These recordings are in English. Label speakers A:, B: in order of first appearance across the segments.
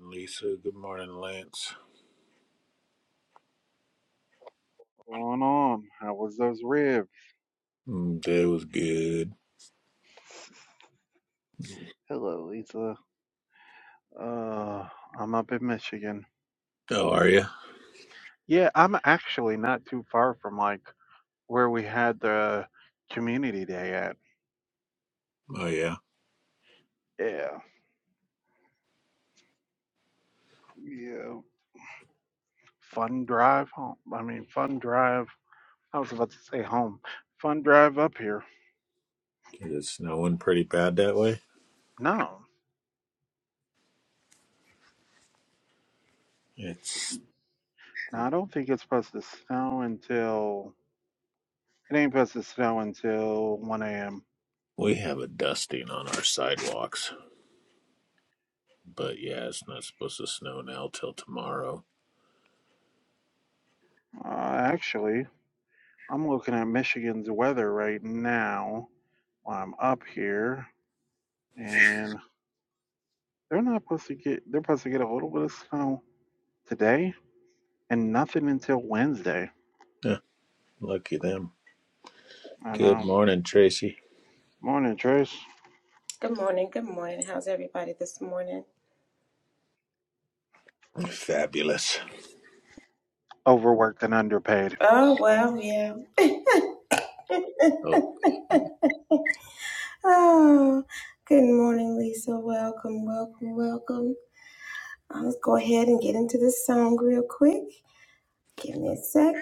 A: Lisa, good morning, Lance.
B: Going on? How was those ribs?
A: Mm, Day was good.
B: Hello, Lisa. Uh, I'm up in Michigan.
A: How are you?
B: Yeah, I'm actually not too far from like where we had the community day at.
A: Oh yeah,
B: Yeah, yeah. Fun drive home. I mean, fun drive. I was about to say home. Fun drive up here.
A: is it snowing pretty bad that way?
B: No,
A: It's
B: no, I don't think it's supposed to snow until it ain't supposed to snow until 1 a.m.
A: we have a dusting on our sidewalks, but yeah, it's not supposed to snow now till tomorrow.
B: Uh, actually. I'm looking at Michigan's weather right now while I'm up here, and they're not supposed to get they're supposed to get a little bit of snow today and nothing until Wednesday.
A: Huh, lucky them.
B: I
A: Good
B: know.
A: morning, Tracy.
B: Morning, Trace.
C: Good morning. Good morning. How's everybody this morning?
A: Fabulous.
B: Overworked and underpaid.
C: Oh, well, yeah.
A: Oh,
C: oh, good morning, Lisa. Welcome, welcome, welcome. I'll just go ahead and get into this song real quick. Give me a sec.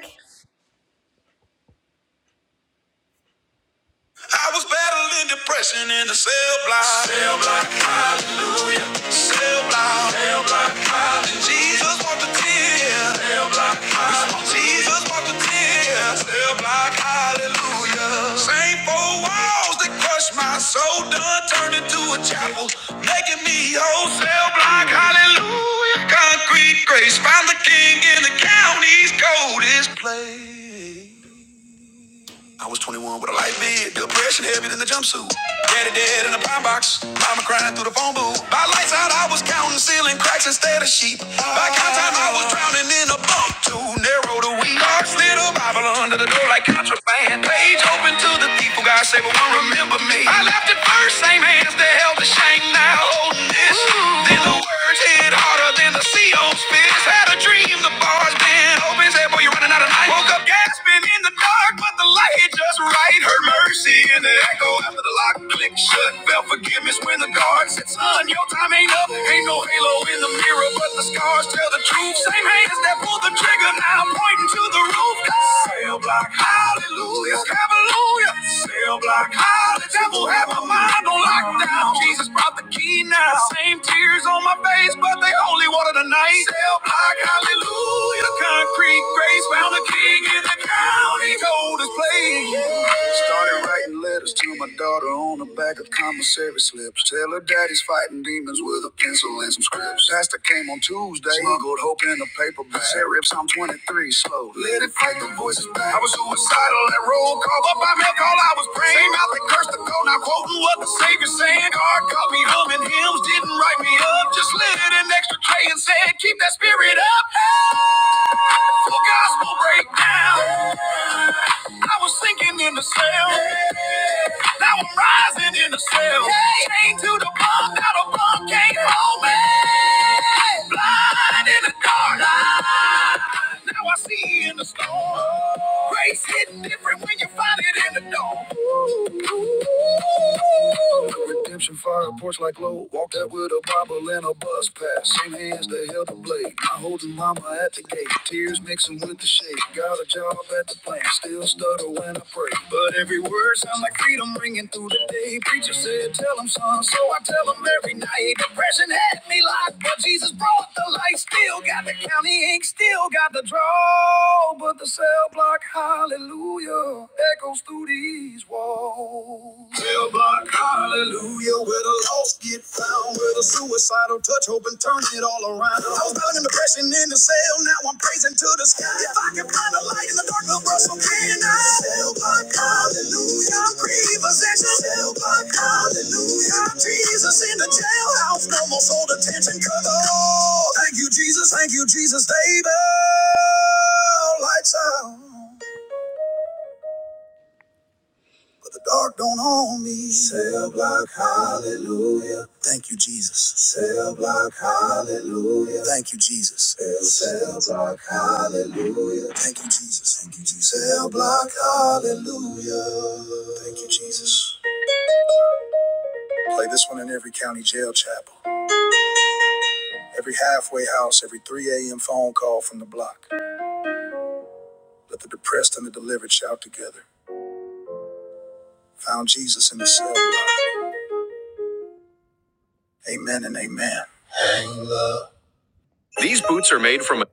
C: I was battling depression in the cell block. Cell block, hallelujah. Cell block, cell block, hallelujah. Jesus walked the tears. Cell block, hallelujah. Jesus walked the tears. Cell block, hallelujah. Same four walls that crushed my soul, done turned into a chapel, making me whole. Cell block, hallelujah. Concrete grace, found the king in the county's coldest place. I was 21 with a light bid, depression heavy than the jumpsuit. Daddy dead in the pine box, mama crying through the phone booth. By lights out, I was counting ceiling cracks instead of sheep. By count time I was drowning in a bump too narrow to we are slid a Bible under the door like contraband. Page open to the people, God say but won't remember me. I left it first, same hands that held the shank now holding this. Ooh. Then the words hit harder than the sea on spits. Had a dream, the bars been open, said boy you are running out of night. Woke up gasping in the dark, but the light hit just right. Her mercy in the echo after the lock click shut. Felt forgiveness when the guard said, Son, your time ain't up. Ain't no halo in the mirror, but the scars tell the truth. Same hands that pulled the trigger now pointing to the roof. Cell block high. Hallelujah. Hallelujah. Cell block. Hallelujah. Devil have my mind on lockdown. Jesus brought the key now. Same tears on my face, but they only wanted a night. Cell block. Hallelujah. Concrete grace found the king in the county. Gold is playing. Started writing letters to my daughter on the back of commissary slips. Tell her daddy's fighting demons with a pencil and some scripts. Pastor came on Tuesday. Smuggled hope in a paper bag. Said, "Rip, I'm 23 breathe slow. Let it fight the voices back. I was suicidal and roll call, but by milk all I was praying. Same out the curse to go, not quoting what the Savior's saying. God caught me humming hymns, didn't write me up. Just lit an extra tray and said, keep that spirit up. Hey, Full gospel breakdown. I was sinking in the cell. Now I'm rising in the cell. Chained to the bunk, now the bunk can't hold me. Blind in the Called out. Now I see in the storm. Grace hitting different when you find it in the door. Redemption fire porch like low. Walked out with a Bible and a bus pass. Same hands that held the blade. I holding mama at the gate. Tears mixing with the shade. Got a job at the plant. Still stutter when I pray. But every word sound like freedom ringing through the day. Preacher said, tell him son. So I tell him every night. Depression had me locked. But Jesus brought the light. Still got the county ink. Still got the draw. But the cell block, hallelujah. Echoes through these walls. Hallelujah. down with a suicidal touch, hoping turn it all around. I was battling depression in the cell, now I'm praising to the sky. If I can find a light in the dark, little Russell, can I? Still block, hallelujah, repossession. Still block, hallelujah, Jesus in the jailhouse, no more soul detention, cause oh, thank you, Jesus, thank you, Jesus, baby, lights out. But the dark don't own me. Cell block, hallelujah. Thank you, Jesus. Cell block, hallelujah. Thank you, Jesus. Cell, block, hallelujah. Thank you, Jesus. Thank you, Jesus. Cell block, hallelujah. Thank you, Jesus. Play this one in every county jail chapel, every halfway house, every 3 a.m. phone call from the block. Let the depressed and the delivered shout together. Found Jesus in the cell block. Amen and amen. Hang love. These boots are made from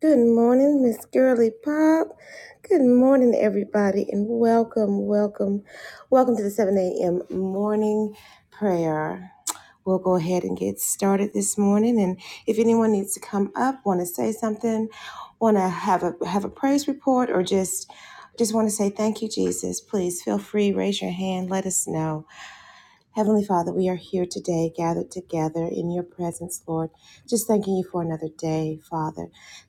C: Good morning, Miss Girly Pop. Good morning, everybody, and welcome, welcome, welcome to the 7 a.m. morning prayer. We'll go ahead and get started this morning. And if anyone needs to come up, want to say something, want to have a have a praise report, or just just want to say thank you, Jesus, please feel free, raise your hand, let us know. Heavenly Father, we are here today, gathered together in your presence, Lord. Just thanking you for another day, Father.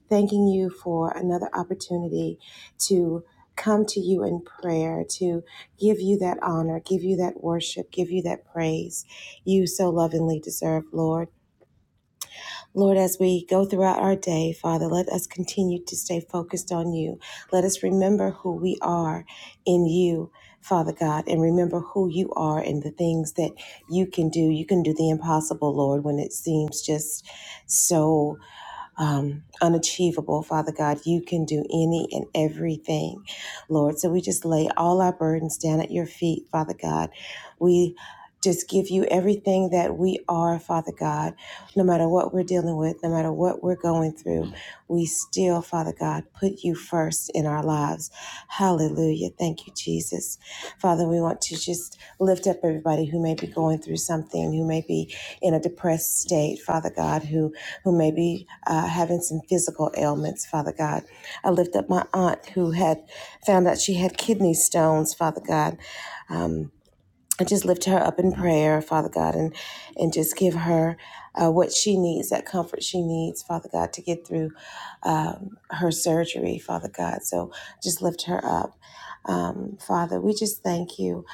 C: Thanking you for another opportunity to come to you in prayer, to give you that honor, give you that worship, give you that praise you so lovingly deserve, Lord. Lord, as we go throughout our day, Father, let us continue to stay focused on you. Let us remember who we are in you, Father God, and remember who you are and the things that you can do. You can do the impossible, Lord, when it seems just so um, unachievable, Father God. You can do any and everything, Lord. So we just lay all our burdens down at your feet, Father God. We just give you everything that we are, Father God. No matter what we're dealing with, no matter what we're going through, we still, Father God, put you first in our lives. Hallelujah. Thank you, Jesus. Father, we want to just lift up everybody who may be going through something, who may be in a depressed state, Father God, who, who may be uh, having some physical ailments, Father God. I lift up my aunt who had found out she had kidney stones, Father God. Um. I just lift her up in prayer, Father God, and and just give her uh, what she needs, that comfort she needs, Father God, to get through um, her surgery, Father God. So just lift her up, um, Father. We just thank you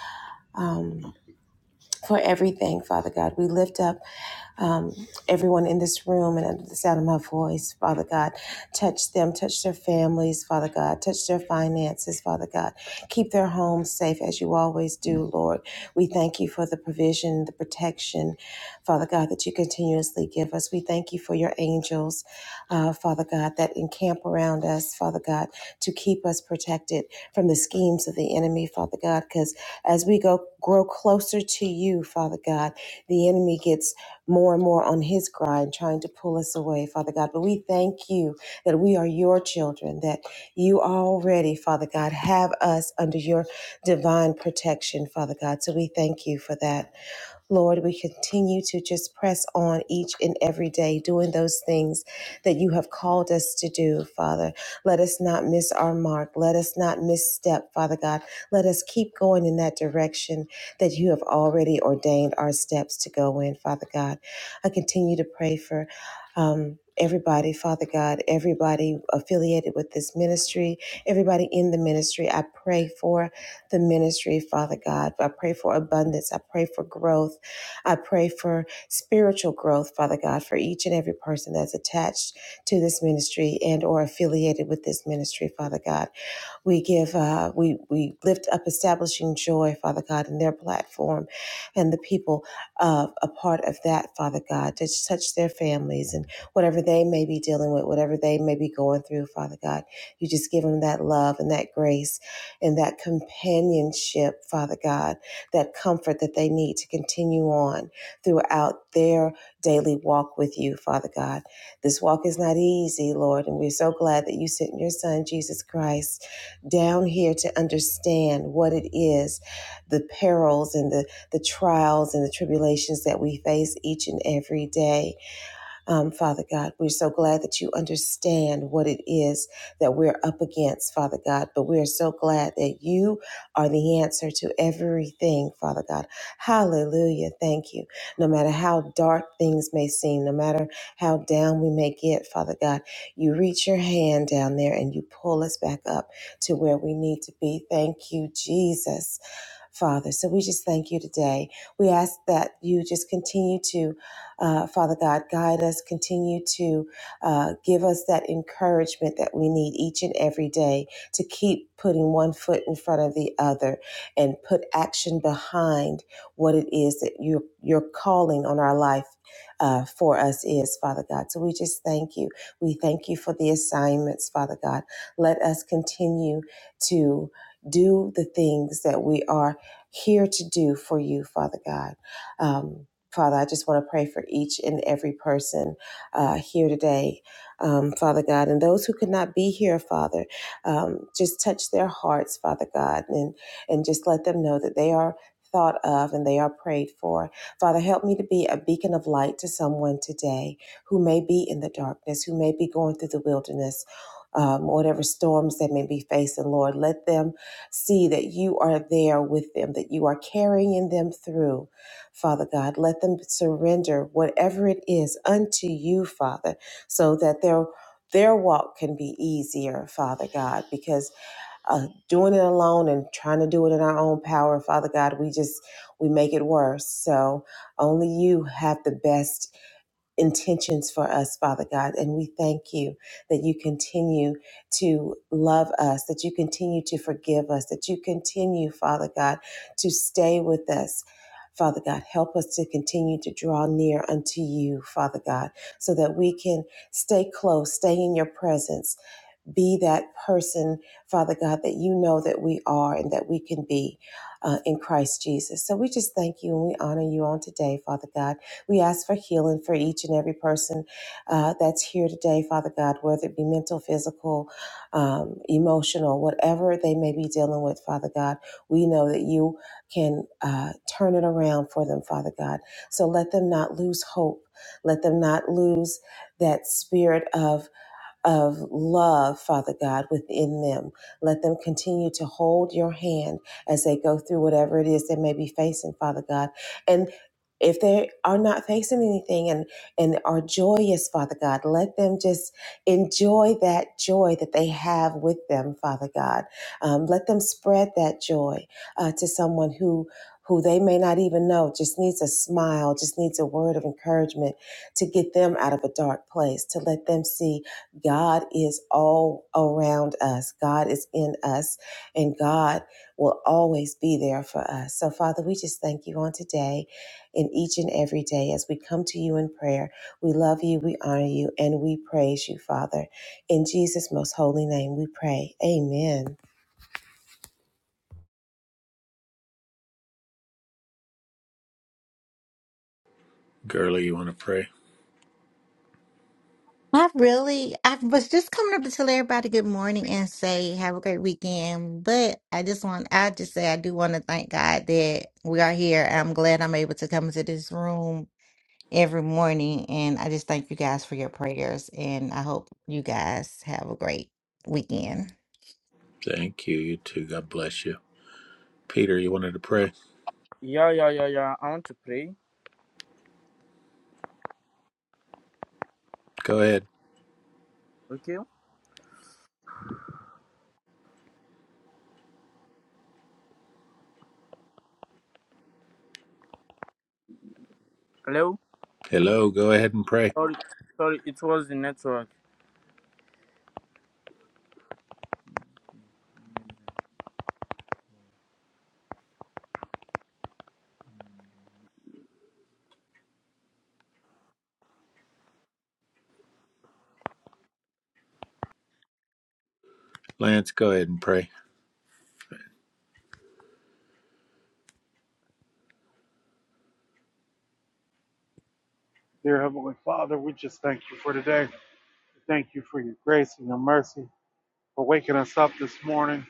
C: for everything, Father God. We lift up um, everyone in this room and under the sound of my voice, Father God. Touch them, touch their families, Father God. Touch their finances, Father God. Keep their homes safe as you always do, Lord. We thank you for the provision, the protection, Father God, that you continuously give us. We thank you for your angels, uh, Father God, that encamp around us, Father God, to keep us protected from the schemes of the enemy, Father God, because as we go grow closer to you, Father God, the enemy gets more and more on his grind, trying to pull us away, Father God. But we thank you that we are your children, that you already, Father God, have us under your divine protection, Father God. So we thank you for that. Lord, we continue to just press on each and every day, doing those things that you have called us to do, Father. Let us not miss our mark. Let us not misstep, Father God. Let us keep going in that direction that you have already ordained our steps to go in, Father God. I continue to pray for. Um, Everybody, Father God, everybody affiliated with this ministry, everybody in the ministry, I pray for the ministry, Father God. I pray for abundance. I pray for growth. I pray for spiritual growth, Father God, for each and every person that's attached to this ministry and or affiliated with this ministry, Father God. We give, uh, we we lift up establishing joy, Father God, in their platform, and the people of a part of that, Father God, to touch their families and whatever they may be dealing with, whatever they may be going through, Father God, you just give them that love and that grace and that companionship, Father God, that comfort that they need to continue on throughout their daily walk with you, Father God. This walk is not easy, Lord, and we're so glad that you sent your Son, Jesus Christ down here to understand what it is the perils and the, the trials and the tribulations that we face each and every day um, Father God, we're so glad that you understand what it is that we're up against, Father God, but we're so glad that you are the answer to everything, Father God. Hallelujah. Thank you. No matter how dark things may seem, no matter how down we may get, Father God, you reach your hand down there and you pull us back up to where we need to be. Thank you, Jesus. Father. So we just thank you today. We ask that you just continue to uh, Father God, guide us, continue to uh, give us that encouragement that we need each and every day to keep putting one foot in front of the other and put action behind what it is that you, your calling on our life uh, for us is, Father God. So we just thank you. We thank you for the assignments, Father God. Let us continue to do the things that we are here to do for you, Father God. Um, Father, I just want to pray for each and every person uh, here today, um, Father God, and those who could not be here, Father, um, just touch their hearts, Father God, and and just let them know that they are thought of and they are prayed for. Father, help me to be a beacon of light to someone today who may be in the darkness, who may be going through the wilderness. Um, whatever storms they may be facing, Lord, let them see that you are there with them, that you are carrying them through, Father God. Let them surrender whatever it is unto you, Father, so that their their walk can be easier, Father God, because uh, doing it alone and trying to do it in our own power, Father God, we just we make it worse. So only you have the best intentions for us, Father God. And we thank you that you continue to love us, that you continue to forgive us, that you continue, Father God, to stay with us. Father God, help us to continue to draw near unto you, Father God, so that we can stay close, stay in your presence, be that person, Father God, that you know that we are and that we can be uh, in Christ Jesus. So we just thank you and we honor you on today, Father God. We ask for healing for each and every person uh, that's here today, Father God, whether it be mental, physical, um, emotional, whatever they may be dealing with, Father God. We know that you can uh, turn it around for them, Father God. So let them not lose hope. Let them not lose that spirit of of love, Father God, within them. Let them continue to hold your hand as they go through whatever it is they may be facing, Father God. And if they are not facing anything and, and are joyous, Father God, let them just enjoy that joy that they have with them, Father God. Um, let them spread that joy uh, to someone who who they may not even know just needs a smile just needs a word of encouragement to get them out of a dark place to let them see God is all around us. God is in us, and God will always be there for us. So, Father, we just thank you on today and each and every day as we come to you in prayer. We love you, we honor you, and we praise you, Father. In Jesus' most holy name, we pray. Amen.
A: girly, you want to pray?
D: I really, I was just coming up to tell everybody good morning and say have a great weekend. But I just want, I just say I do want to thank God that we are here. I'm glad I'm able to come into this room every morning. And I just thank you guys for your prayers. And I hope you guys have a great weekend.
A: Thank you. You too. God bless you. Peter, you wanted to pray?
E: Yeah, yeah, yeah, yeah. I want to pray.
A: Go ahead.
E: Okay. Hello.
A: Hello. Go ahead and pray.
E: Sorry, sorry. It was the network.
A: Lance, go ahead and pray.
B: Dear Heavenly Father, we just thank you for today. Thank you for your grace and your mercy for waking us up this morning,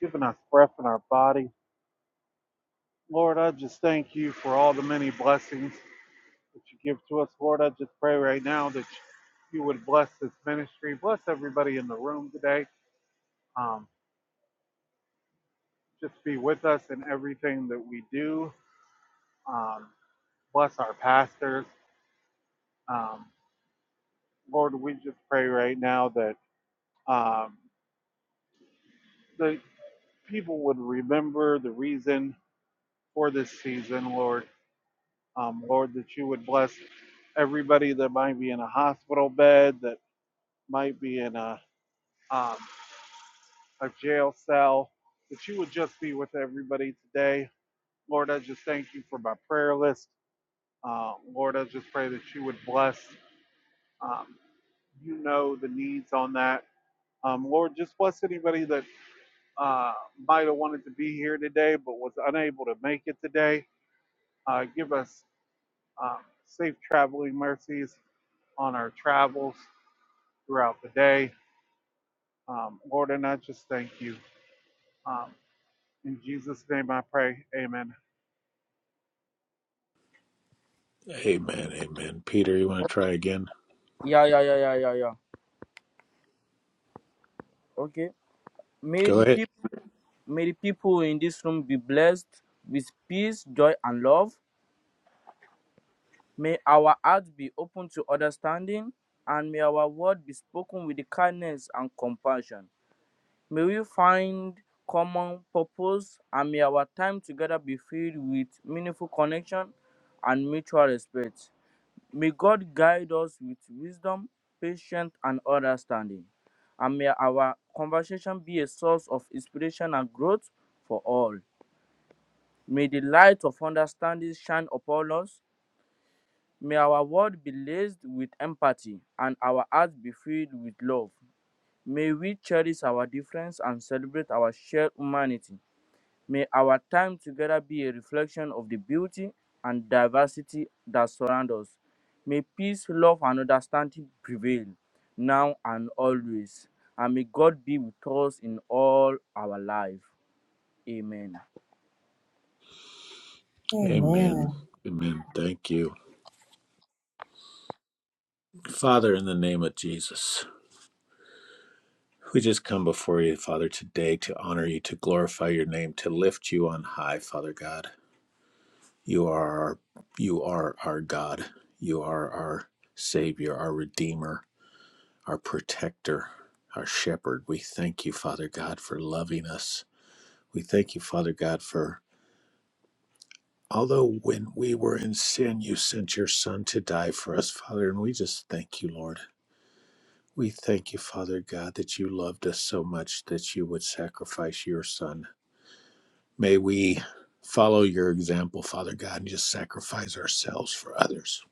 B: giving us breath in our body. Lord, I just thank you for all the many blessings that you give to us, Lord. I just pray right now that you would bless this ministry, bless everybody in the room today. Um, just be with us in everything that we do. Um, bless our pastors. Um, Lord, we just pray right now that um, the people would remember the reason for this season, Lord. Um, Lord, that you would bless everybody that might be in a hospital bed, that might be in a um, a jail cell, that you would just be with everybody today. Lord, I just thank you for my prayer list. Uh, Lord, I just pray that you would bless. Um, you know the needs on that. Um, Lord, just bless anybody that uh, might have wanted to be here today but was unable to make it today. Uh, give us um, safe traveling mercies on our travels throughout the day. Um, Lord, and I just thank you. Um, in Jesus' name I pray. Amen.
A: Amen. Amen. Peter, you want to try again?
E: Yeah, yeah, yeah, yeah, yeah, yeah. Okay. May
A: Go
E: the
A: ahead.
E: people, may the people in this room be blessed with peace, joy, and love. May our hearts be open to understanding, and may our word be spoken with the kindness and compassion. May we find common purpose, and may our time together be filled with meaningful connection and mutual respect. May God guide us with wisdom, patience, and understanding. And may our conversation be a source of inspiration and growth for all. May the light of understanding shine upon us. May our world be laced with empathy and our hearts be filled with love. May we cherish our difference and celebrate our shared humanity. May our time together be a reflection of the beauty and diversity that surround us. May peace, love, and understanding prevail now and always. And may God be with us in all our life. Amen.
C: Amen.
A: Amen. Amen. Thank you. Father, in the name of Jesus, we just come before you, Father, today to honor you, to glorify your name, to lift you on high, Father God. You are our, you are our God. You are our Savior, our Redeemer, our Protector, our Shepherd. We thank you, Father God, for loving us. We thank you, Father God, for Although when we were in sin, you sent your Son to die for us, Father, and we just thank you, Lord. We thank you, Father God, that you loved us so much that you would sacrifice your Son. May we follow your example, Father God, and just sacrifice ourselves for others.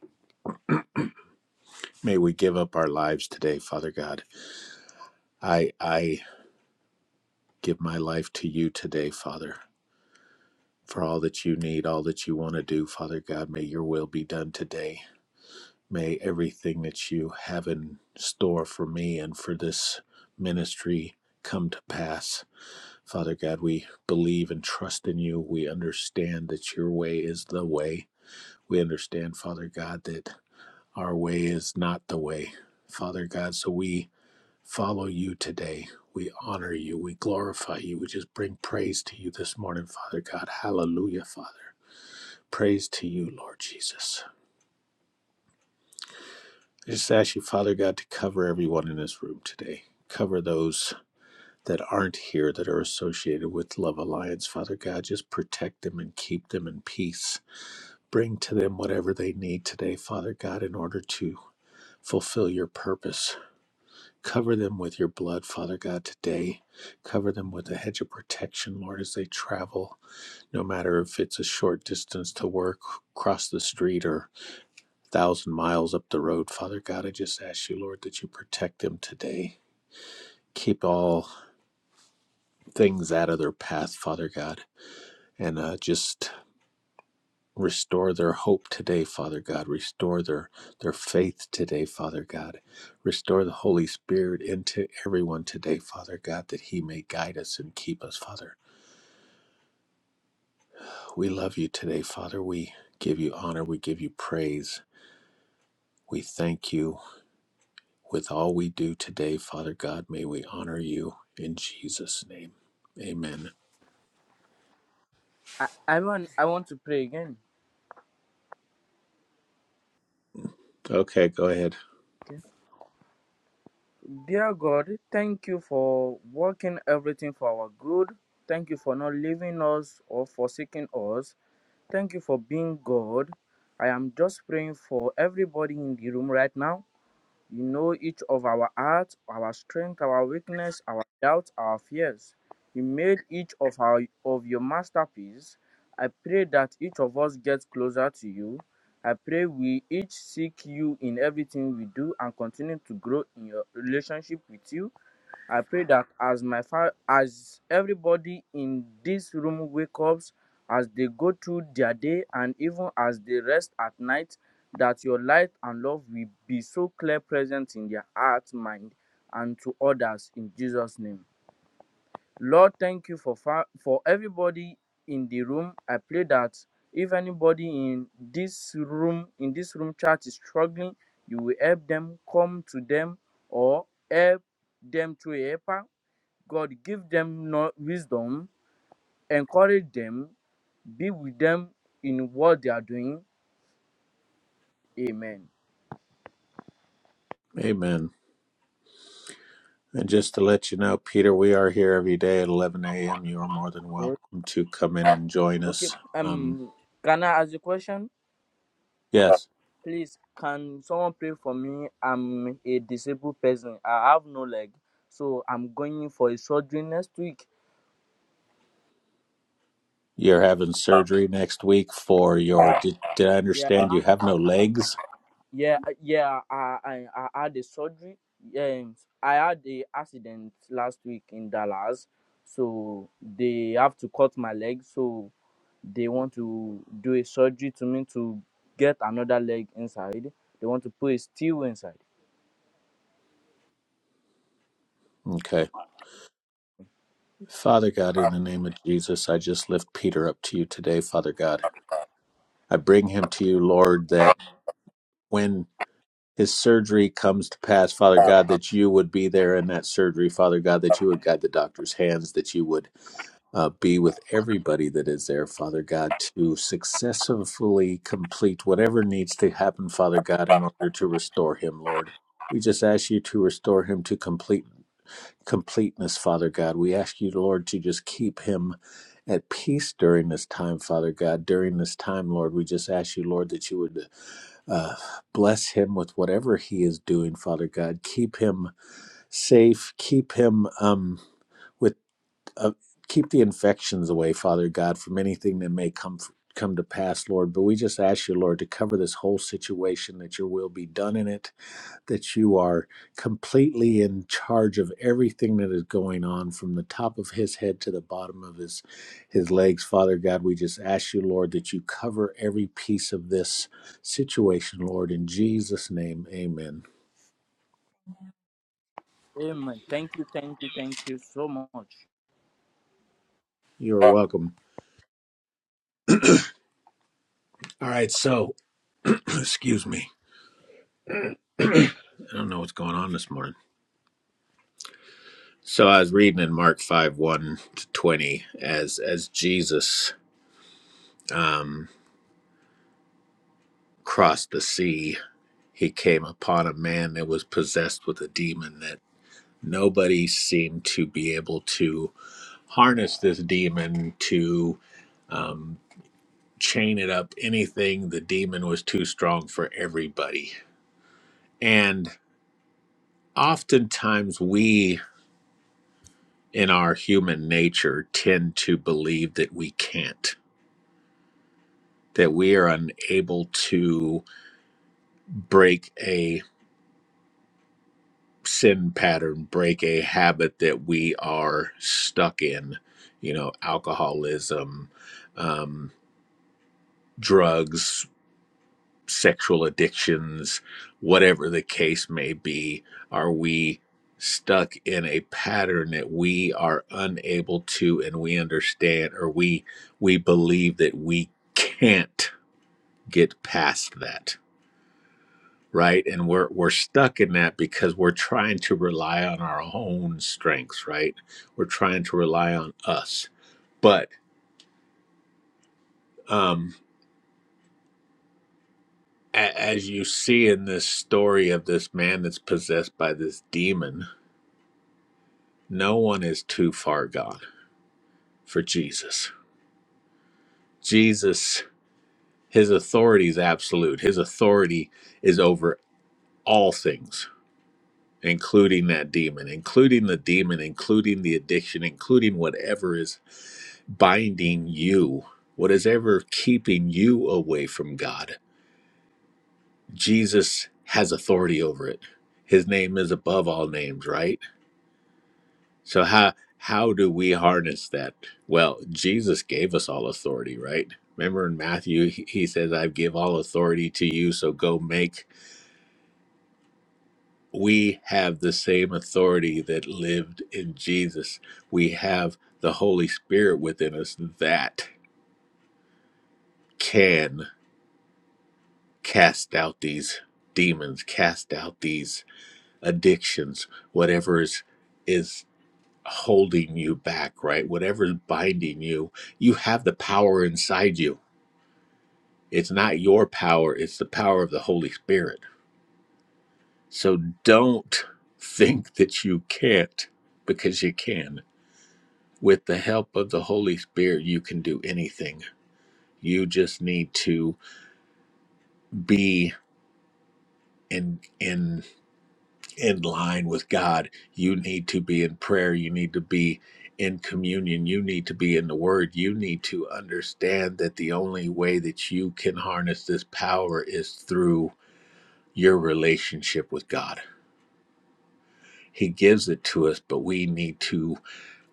A: May we give up our lives today, Father God. I I give my life to you today, Father, for all that you need, all that you want to do, Father God. May your will be done today. May everything that you have in store for me and for this ministry come to pass. Father God, we believe and trust in you. We understand that your way is the way. We understand, Father God, that our way is not the way. Father God, so we follow you today. We honor you. We glorify you. We just bring praise to you this morning, Father God. Hallelujah, Father. Praise to you, Lord Jesus. I Just ask you, Father God, to cover everyone in this room today. Cover those that aren't here that are associated with Love Alliance. Father God, just protect them and keep them in peace. Bring to them whatever they need today, Father God, in order to fulfill your purpose. Cover them with your blood, Father God, today. Cover them with a hedge of protection, Lord, as they travel, no matter if it's a short distance to work, cross the street, or thousand miles up the road. Father God, I just ask you, Lord, that you protect them today. Keep all things out of their path, Father God, and uh, just restore their hope today, Father God. Restore their their faith today, Father God. Restore the Holy Spirit into everyone today, Father God, that He may guide us and keep us, Father. We love you today, Father. We give you honor. We give you praise. We thank you. With all we do today, Father God, may we honor you in Jesus' name. Amen.
E: I, I, want, I want to pray again.
A: Okay, go ahead.
E: Okay. Dear God, thank you for working everything for our good. Thank you for not leaving us or forsaking us. Thank you for being God. I am just praying for everybody in the room right now. You know each of our hearts, our strength, our weakness, our doubts, our fears. You made each of our of your masterpiece. I pray that each of us gets closer to you. I pray we each seek you in everything we do and continue to grow in your relationship with you I pray that as my fa- as everybody in this room wakes, up, as they go through their day and even as they rest at night, that your light and love will be so clear present in their heart, mind, and to others in Jesus' name. Lord, thank you for fa- for everybody in the room. I pray that if anybody in this room in this room chat is struggling, you will help them, come to them, or help them through a helper God give them no- wisdom, encourage them, be with them in what they are doing. Amen.
A: Amen. And just to let you know, Peter, we are here every day at 11 a.m. You are more than
E: O-
A: welcome to come in and join
E: Okay.
A: us. Um,
E: Um, can I ask a question?
A: yes,
E: Please, can someone pray for me? I'm a disabled person. I have no leg, so I'm going for a surgery next week.
A: you're having surgery next week for your.
E: Yeah,
A: Did, did I
E: yeah,
A: understand you have no legs?
E: yeah, yeah. I I, I had a surgery. Yeah, I had a accident last week in Dallas, so they have to cut my leg. So they want to do a surgery to me to get another leg inside. They want to put a steel inside.
A: Okay. Father God, in the name of Jesus, I just lift Peter up to you today, Father God. I bring him to you, Lord, that when his surgery comes to pass, Father God, that you would be there in that surgery, Father God, that you would guide the doctor's hands, that you would uh, be with everybody that is there, Father God, to successfully complete whatever needs to happen, Father God, in order to restore him, Lord. We just ask you to restore him to complete completeness, Father God. We ask you, Lord, to just keep him at peace during this time, Father God. During this time, Lord, we just ask you, Lord, that you would uh, bless him with whatever he is doing, Father God. Keep him safe. Keep him um, with uh, keep the infections away, Father God, from anything that may come come to pass, Lord. But we just ask you, Lord, to cover this whole situation, that your will be done in it that you are completely in charge of everything that is going on from the top of his head to the bottom of his his legs father god we just ask you lord that you cover every piece of this situation lord in jesus name amen
E: Amen. Thank you, thank you, thank you so much.
A: you're welcome all right so excuse me i don't know what's going on this morning so i was reading in mark 5 1 to 20 as as jesus um crossed the sea he came upon a man that was possessed with a demon that nobody seemed to be able to harness this demon to um, chain it up anything the demon was too strong for everybody and oftentimes we in our human nature tend to believe that we can't that we are unable to break a sin pattern break a habit that we are stuck in you know alcoholism um, drugs sexual addictions, whatever the case may be? Are we stuck in a pattern that we are unable to and we understand or we we believe that we can't get past that, right? And we're we're stuck in that because we're trying to rely on our own strengths, right? We're trying to rely on us. But um a- as you see in this story of this man that's possessed by this demon No one is too far gone for Jesus. Jesus, his authority is absolute. His authority is over all things, including that demon, including the demon, including the addiction, including whatever is binding you, what is ever keeping you away from God. Jesus has authority over it. His name is above all names, right? So how how do we harness that? Well, Jesus gave us all authority, right? Remember in Matthew, he he says, "I give all authority to you, so go make." We have the same authority that lived in Jesus. We have the Holy Spirit within us that can cast out these demons, cast out these addictions, whatever is is holding you back, right? Whatever is binding you, you have the power inside you It's not your power, it's the power of the Holy Spirit. So don't think that you can't because you can. With the help of the Holy Spirit, you can do anything. You just need to be in in in line with God. You need to be in prayer, you need to be in communion, you need to be in the word. You need to understand that the only way that you can harness this power is through your relationship with God He gives it to us, but we need to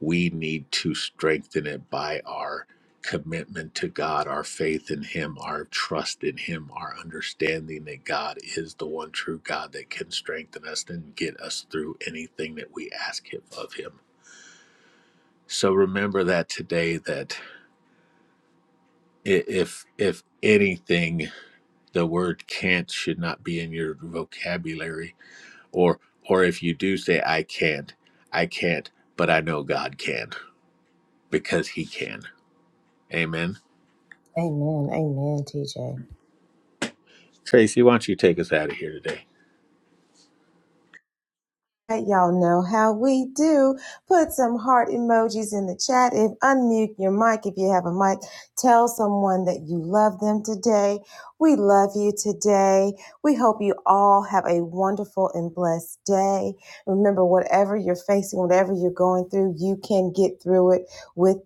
A: we need to strengthen it by our commitment to God, our faith in him, our trust in him, our understanding that God is the one true God that can strengthen us and get us through anything that we ask him of him. So remember that today that i- if if anything the word can't should not be in your vocabulary or or if you do say I can't, I can't, but I know God can because he can. Amen.
C: Amen. Amen, TJ.
A: Tracy, why don't you take us out of here today?
C: Hey, Y'all know how we do. Put some heart emojis in the chat If unmute your mic if you have a mic. Tell someone that you love them today. We love you today. We hope you all have a wonderful and blessed day. Remember, whatever you're facing, whatever you're going through, you can get through it with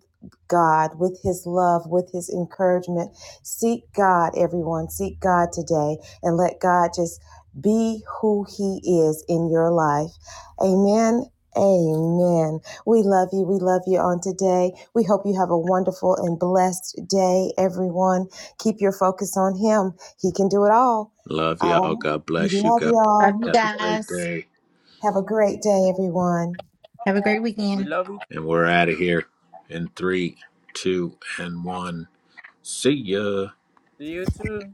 C: God, with His love, with His encouragement. Seek God, everyone. Seek God today and let God just be who He is in your life. Amen. Amen. We love you. We love you on today. We hope you have a wonderful and blessed day, everyone. Keep your focus on Him. He can do it all.
A: Love y'all.
C: Oh,
A: God
C: we
A: bless you.
C: love
A: God bless
D: Love
C: y'all.
A: you.
D: you
A: Have a great
D: guys.
A: day.
C: Have a great day, everyone.
D: Have a great
E: We
D: weekend.
E: love you.
A: And we're out of here in three, two, and one. See ya.
E: See you too.